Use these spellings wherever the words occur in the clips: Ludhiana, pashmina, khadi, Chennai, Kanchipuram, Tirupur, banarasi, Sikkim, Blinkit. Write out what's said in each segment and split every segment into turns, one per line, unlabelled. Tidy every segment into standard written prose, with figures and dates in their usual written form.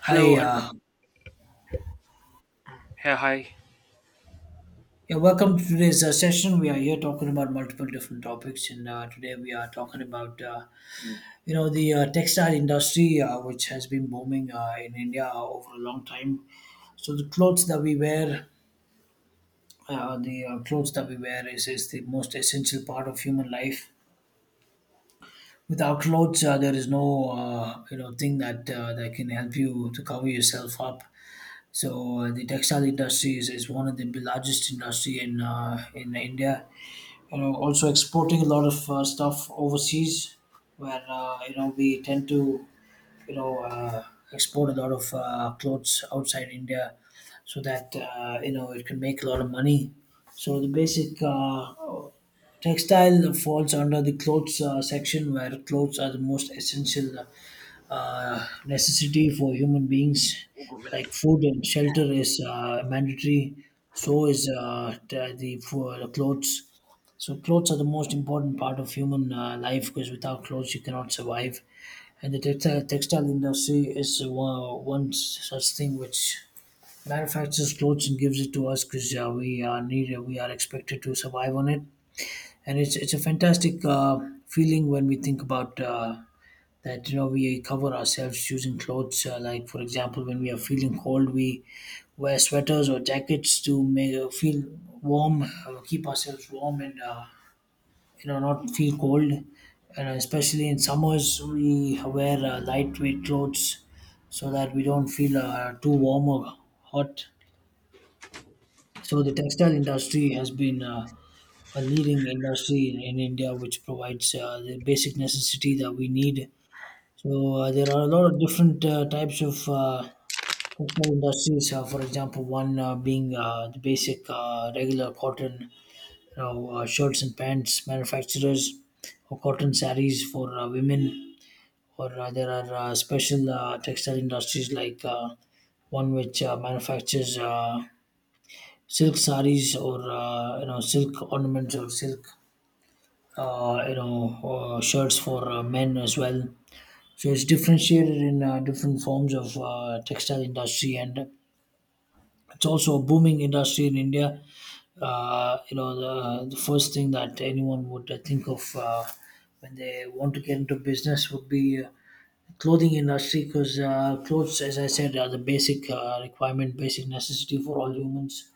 Hello
Hi,
and
uh,
yeah, hi.
yeah, welcome to today's session. We are here talking about multiple different topics, and today we are talking about you know the textile industry, which has been booming in India over a long time. So the clothes that we wear, the clothes that we wear is the most essential part of human life. Without clothes, there is no thing that that can help you to cover yourself up. So the textile industry is one of the largest industry in India, also exporting a lot of stuff overseas, where we tend to you know uh, export a lot of clothes outside india, so that it can make a lot of money. So the basic textile falls under the clothes section, where clothes are the most essential necessity for human beings. Like food and shelter is mandatory, so is the for the clothes. So clothes are the most important part of human life, because without clothes you cannot survive. And the textile industry is one such thing which manufactures clothes and gives it to us, because we are needed, we are expected to survive on it. And it's a fantastic feeling when we think about that we cover ourselves using clothes, like for example when we are feeling cold, we wear sweaters or jackets to make feel warm, keep ourselves warm and not feel cold. And especially in summers, we wear lightweight clothes so that we don't feel too warm or hot. So the textile industry has been a leading industry in India, which provides the basic necessity that we need. So there are a lot of different types of textile industries. For example, one being the basic regular cotton, shirts and pants manufacturers, or cotton saris for women, or there are special textile industries like one which manufactures silk saris, or silk ornaments, or silk shirts for men as well. So it's differentiated in different forms of textile industry, and it's also a booming industry in India. The first thing that anyone would think of when they want to get into business would be clothing industry, because clothes, as I said, are the basic requirement, basic necessity for all humans.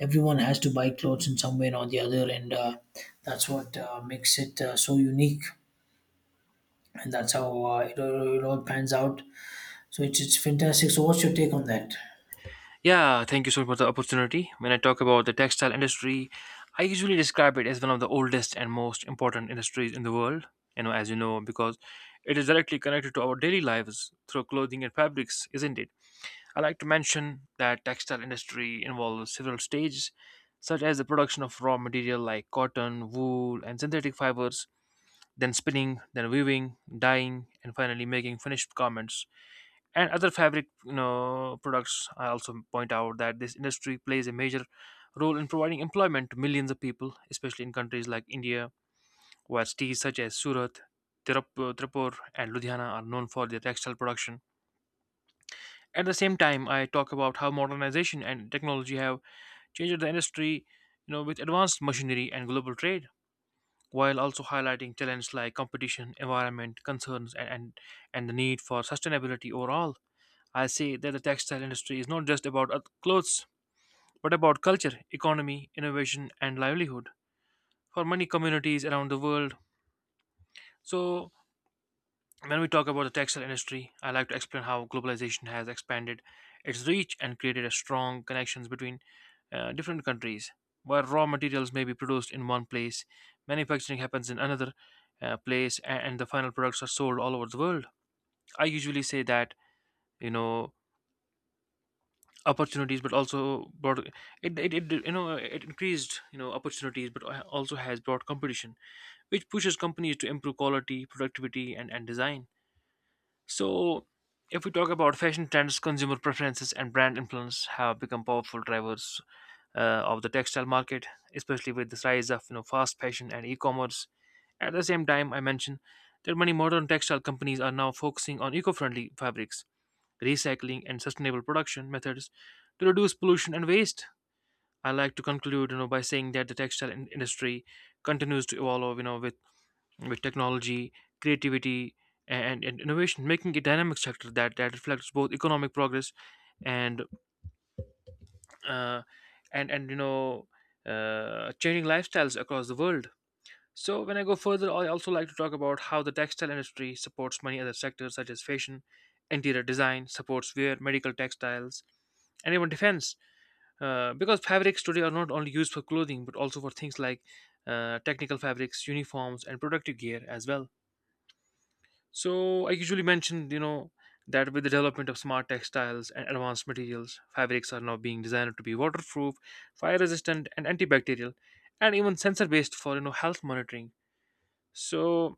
Everyone has to buy clothes in some way or the other, and that's what makes it so unique, and that's how it all pans out. So it's fantastic. So what's your take on that?
Yeah, thank you so much for the opportunity. When I talk about the textile industry, I usually describe it as one of the oldest and most important industries in the world, you know, as you know, because it is directly connected to our daily lives through clothing and fabrics, isn't it? I like to mention that textile industry involves several stages, such as the production of raw material like cotton, wool, and synthetic fibers, then spinning, then weaving, dyeing, and finally making finished garments. And other fabric, you know, products. I also point out that this industry plays a major role in providing employment to millions of people, especially in countries like India, where cities such as Surat, Tirupur and Ludhiana are known for their textile production. At the same time, I talk about how modernization and technology have changed the industry, you know, with advanced machinery and global trade, while also highlighting challenges like competition, environment concerns, and the need for sustainability overall. I say that the textile industry is not just about clothes, but about culture, economy, innovation, and livelihood for many communities around the world. So, when we talk about the textile industry, I like to explain how globalization has expanded its reach and created a strong connections between different countries. Where raw materials may be produced in one place, manufacturing happens in another place, and the final products are sold all over the world. I usually say that, you know, opportunities, but also brought it, you know, it increased, you know, opportunities, but also has brought competition which pushes companies to improve quality, productivity, and design. So, if we talk about fashion trends, consumer preferences and brand influence have become powerful drivers of the textile market, especially with the rise of, you know, fast fashion and e-commerce. At the same time, I mentioned that many modern textile companies are now focusing on eco-friendly fabrics, recycling, and sustainable production methods to reduce pollution and waste. I like to conclude, you know, by saying that the industry continues to evolve, you know, with technology, creativity, and innovation, making it a dynamic sector that reflects both economic progress and uh, and and you know changing lifestyles across the world. So when I go further, I also like to talk about how the textile industry supports many other sectors such as fashion, interior design, supports wear, medical textiles, and even defense, because fabrics today are not only used for clothing but also for things like technical fabrics, uniforms and protective gear as well. So I usually mentioned, you know, that with the development of smart textiles and advanced materials, fabrics are now being designed to be waterproof, fire resistant and antibacterial, and even sensor based for, you know, health monitoring. So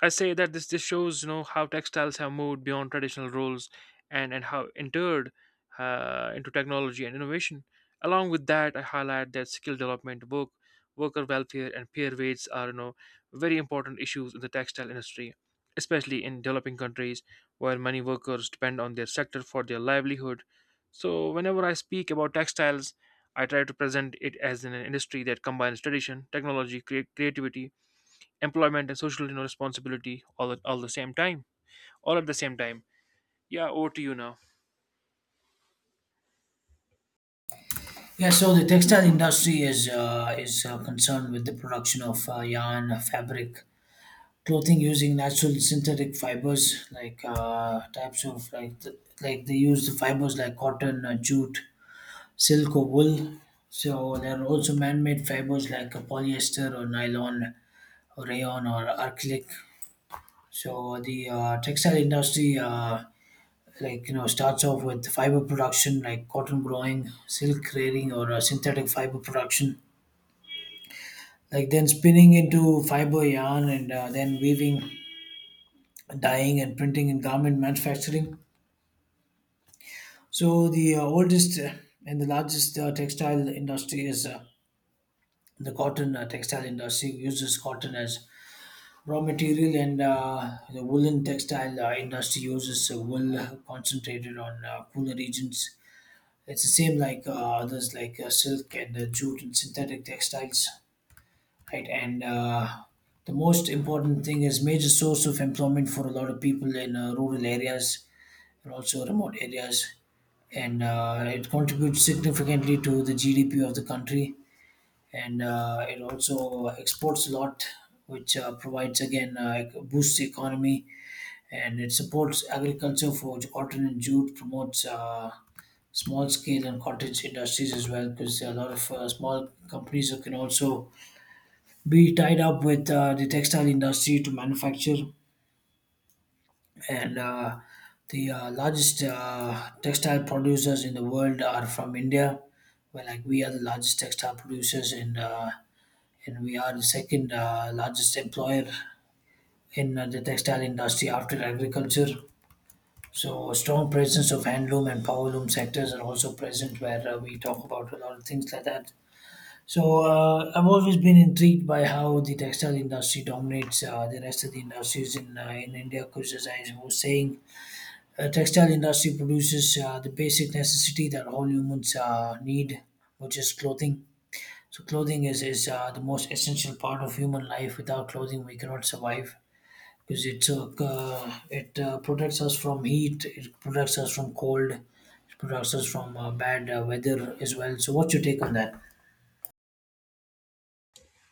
I say that this shows, you know, how textiles have moved beyond traditional roles and how entered into technology and innovation. Along with that, I highlight that skill development, worker welfare, and peer rates are, you know, very important issues in the textile industry, especially in developing countries where many workers depend on their sector for their livelihood. So whenever I speak about textiles, I try to present it as an industry that combines tradition, technology, creativity, employment and social, you know, responsibility all the same time, all at the same time. Yeah, over to you now.
Yeah, so the textile industry is concerned with the production of yarn, fabric, clothing using natural synthetic fibers, like types of like th- like they use the fibers like cotton, jute, silk, or wool. So there are also man-made fibers like polyester, or nylon, or rayon, or acrylic. So the textile industry, starts off with fiber production, like cotton growing, silk creating, or synthetic fiber production, like then spinning into fiber yarn, and then weaving, dyeing and printing, and garment manufacturing. So the oldest and the largest textile industry is the cotton textile industry, uses cotton as raw material. And the woolen textile industry uses wool, concentrated on cooler regions. It's the same like others, like silk, and jute, and synthetic textiles, right? And the most important thing is major source of employment for a lot of people in rural areas, and also remote areas, and it contributes significantly to the GDP of the country, and it also exports a lot, which provides again boosts the economy. And it supports agriculture for cotton and jute, promotes small scale and cottage industries as well, because a lot of small companies can also be tied up with the textile industry to manufacture. And the largest textile producers in the world are from India, where like we are the largest textile producers, and we are the second largest employer in the textile industry after agriculture. So, strong presence of handloom and powerloom sectors are also present, where we talk about a lot of things like that. So, I've always been intrigued by how the textile industry dominates the rest of the industries in India, because, as I was saying, textile industry produces the basic necessity that all humans need, which is clothing. So, clothing is the most essential part of human life. Without clothing, we cannot survive, because it protects us from heat, it protects us from cold, it protects us from bad weather as well. So, what's your take on that?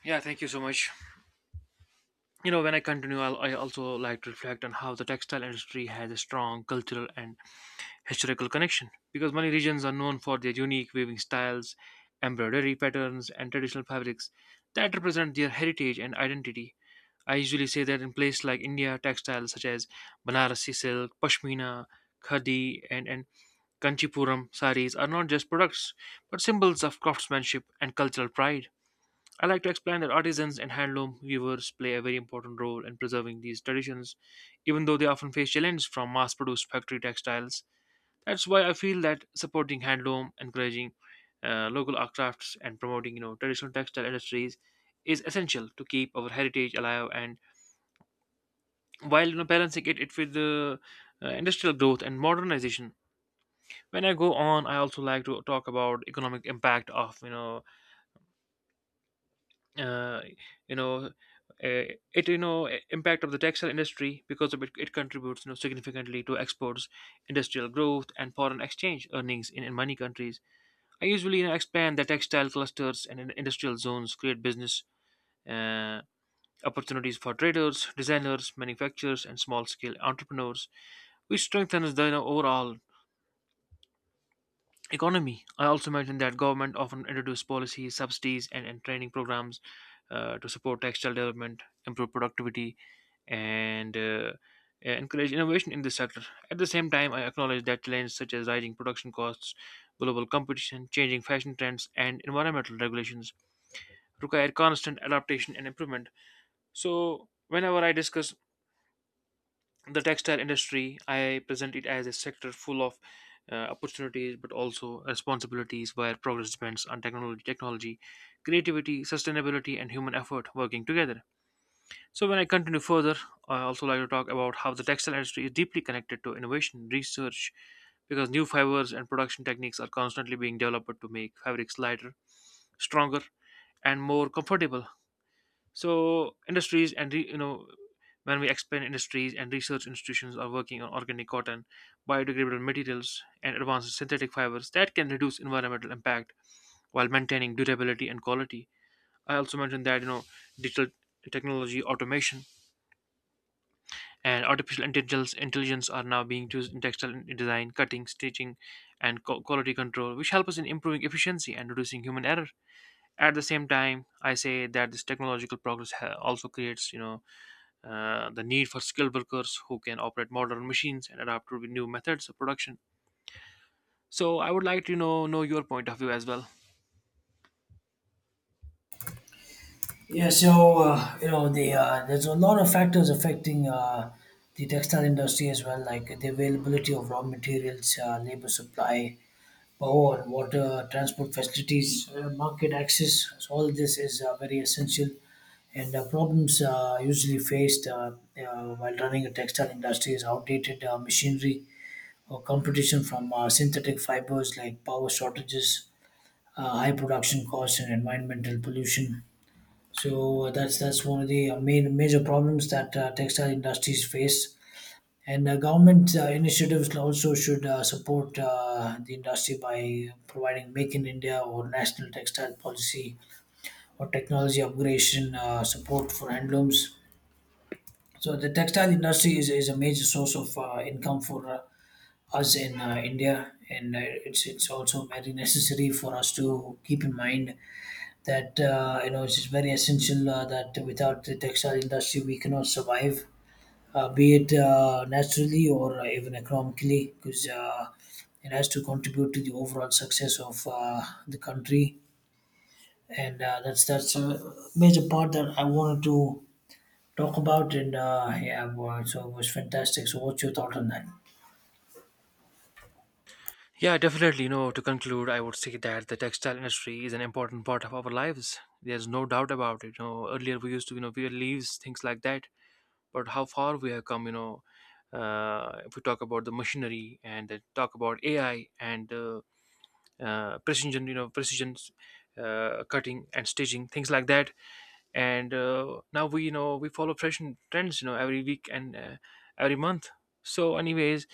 Yeah, thank you so much. You know, when I continue, I also like to reflect on how the textile industry has a strong cultural and historical connection, because many regions are known for their unique weaving styles, embroidery patterns and traditional fabrics that represent their heritage and identity. I usually say that in places like India, textiles such as Banarasi silk, pashmina, khadi, and Kanchipuram saris are not just products, but symbols of craftsmanship and cultural pride. I like to explain that artisans and handloom weavers play a very important role in preserving these traditions, even though they often face challenges from mass produced factory textiles. That's why I feel that supporting handloom, encouraging local art crafts, and promoting, you know, traditional textile industries is essential to keep our heritage alive, and while, you know, balancing it with the industrial growth and modernization. When I go on, I also like to talk about economic impact of, uh, you know uh, it you know I- impact of the textile industry, because of it, it contributes, you know, significantly to exports, industrial growth, and foreign exchange earnings in many countries. I usually, you know, expand the textile clusters and industrial zones create business. Uh, Opportunities for traders, designers, manufacturers, and small-scale entrepreneurs, which strengthens the, you know, overall economy. I also mentioned that government often introduce policies, subsidies, and training programs to support textile development, improve productivity, and encourage innovation in this sector. At the same time, I acknowledge that challenges such as rising production costs, global competition, changing fashion trends, and environmental regulations require constant adaptation and improvement. So, whenever I discuss the textile industry, I present it as a sector full of opportunities but also responsibilities, where progress depends on technology, creativity, sustainability and human effort working together. So when I continue further, I also like to talk about how the textile industry is deeply connected to innovation research, because new fibers and production techniques are constantly being developed to make fabrics lighter, stronger, and more comfortable. So industries and re- you know when we expand, industries and research institutions are working on organic cotton, biodegradable materials, and advanced synthetic fibers that can reduce environmental impact while maintaining durability and quality. I also mentioned that, you know, digital technology, automation, and artificial intelligence are now being used in textile design, cutting, stitching, and quality control, which help us in improving efficiency and reducing human error. At the same time, I say that this technological progress also creates, you know, the need for skilled workers who can operate modern machines and adapt to new methods of production. So I would like to, you know your point of view as well.
Yeah, so there's a lot of factors affecting the textile industry as well, like the availability of raw materials, labor supply, power and water, transport facilities, market access. So all this is very essential. And problems usually faced, while running a textile industry, is outdated machinery, or competition from synthetic fibers, like power shortages, high production costs, and environmental pollution. So that's one of the main major problems that textile industries face. And government initiatives also should support the industry by providing Make in India, or national textile policy, or technology upgradation support for handlooms. So the textile industry is a major source of income for us in India, and it's also very necessary for us to keep in mind that it's just very essential, that without the textile industry we cannot survive, be it naturally, or even economically, because it has to contribute to the overall success of the country, and that's a major part that I wanted to talk about. And yeah, well, so it was fantastic. So what's your thought on that?
Yeah, definitely. You know, to conclude, I would say that the textile industry is an important part of our lives. There's no doubt about it. You know, earlier we used to, you know, wear leaves, things like that. But how far we have come, you know, if we talk about the machinery and talk about AI and precision, you know, precision cutting and stitching, things like that. And now we, you know, we follow fashion trends, you know, every week and every month. So anyways,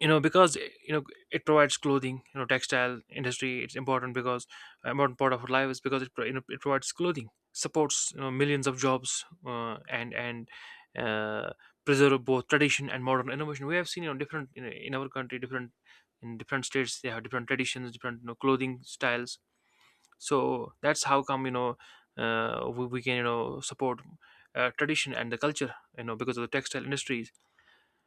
you know, because you know, it provides clothing, you know. Textile industry, it's important because important part of our life is because it, you know, it provides clothing, supports, you know, millions of jobs, and uh, preserve both tradition and modern innovation. We have seen, you know, different, you know, in our country, different, in different states they have different traditions, different, you know, clothing styles. So that's how come, you know, we can, you know, support tradition and the culture, you know, because of the textile industries.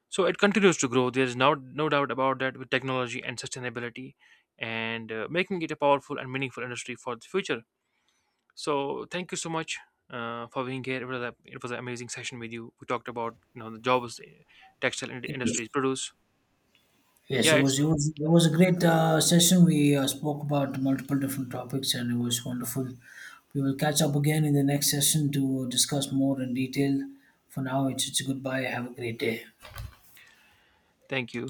So it continues to grow, there's no doubt about that, with technology and sustainability, and making it a powerful and meaningful industry for the future. So thank you so much for being here, it was, a, it was an amazing session with you. We talked about, you know, the jobs,
Yes.
industries produce.
Yes,
Yeah,
it
it's
was a great session. We spoke about multiple different topics and it was wonderful. We will catch up again in the next session to discuss more in detail. For now it's a goodbye. Have a great day.
thank you.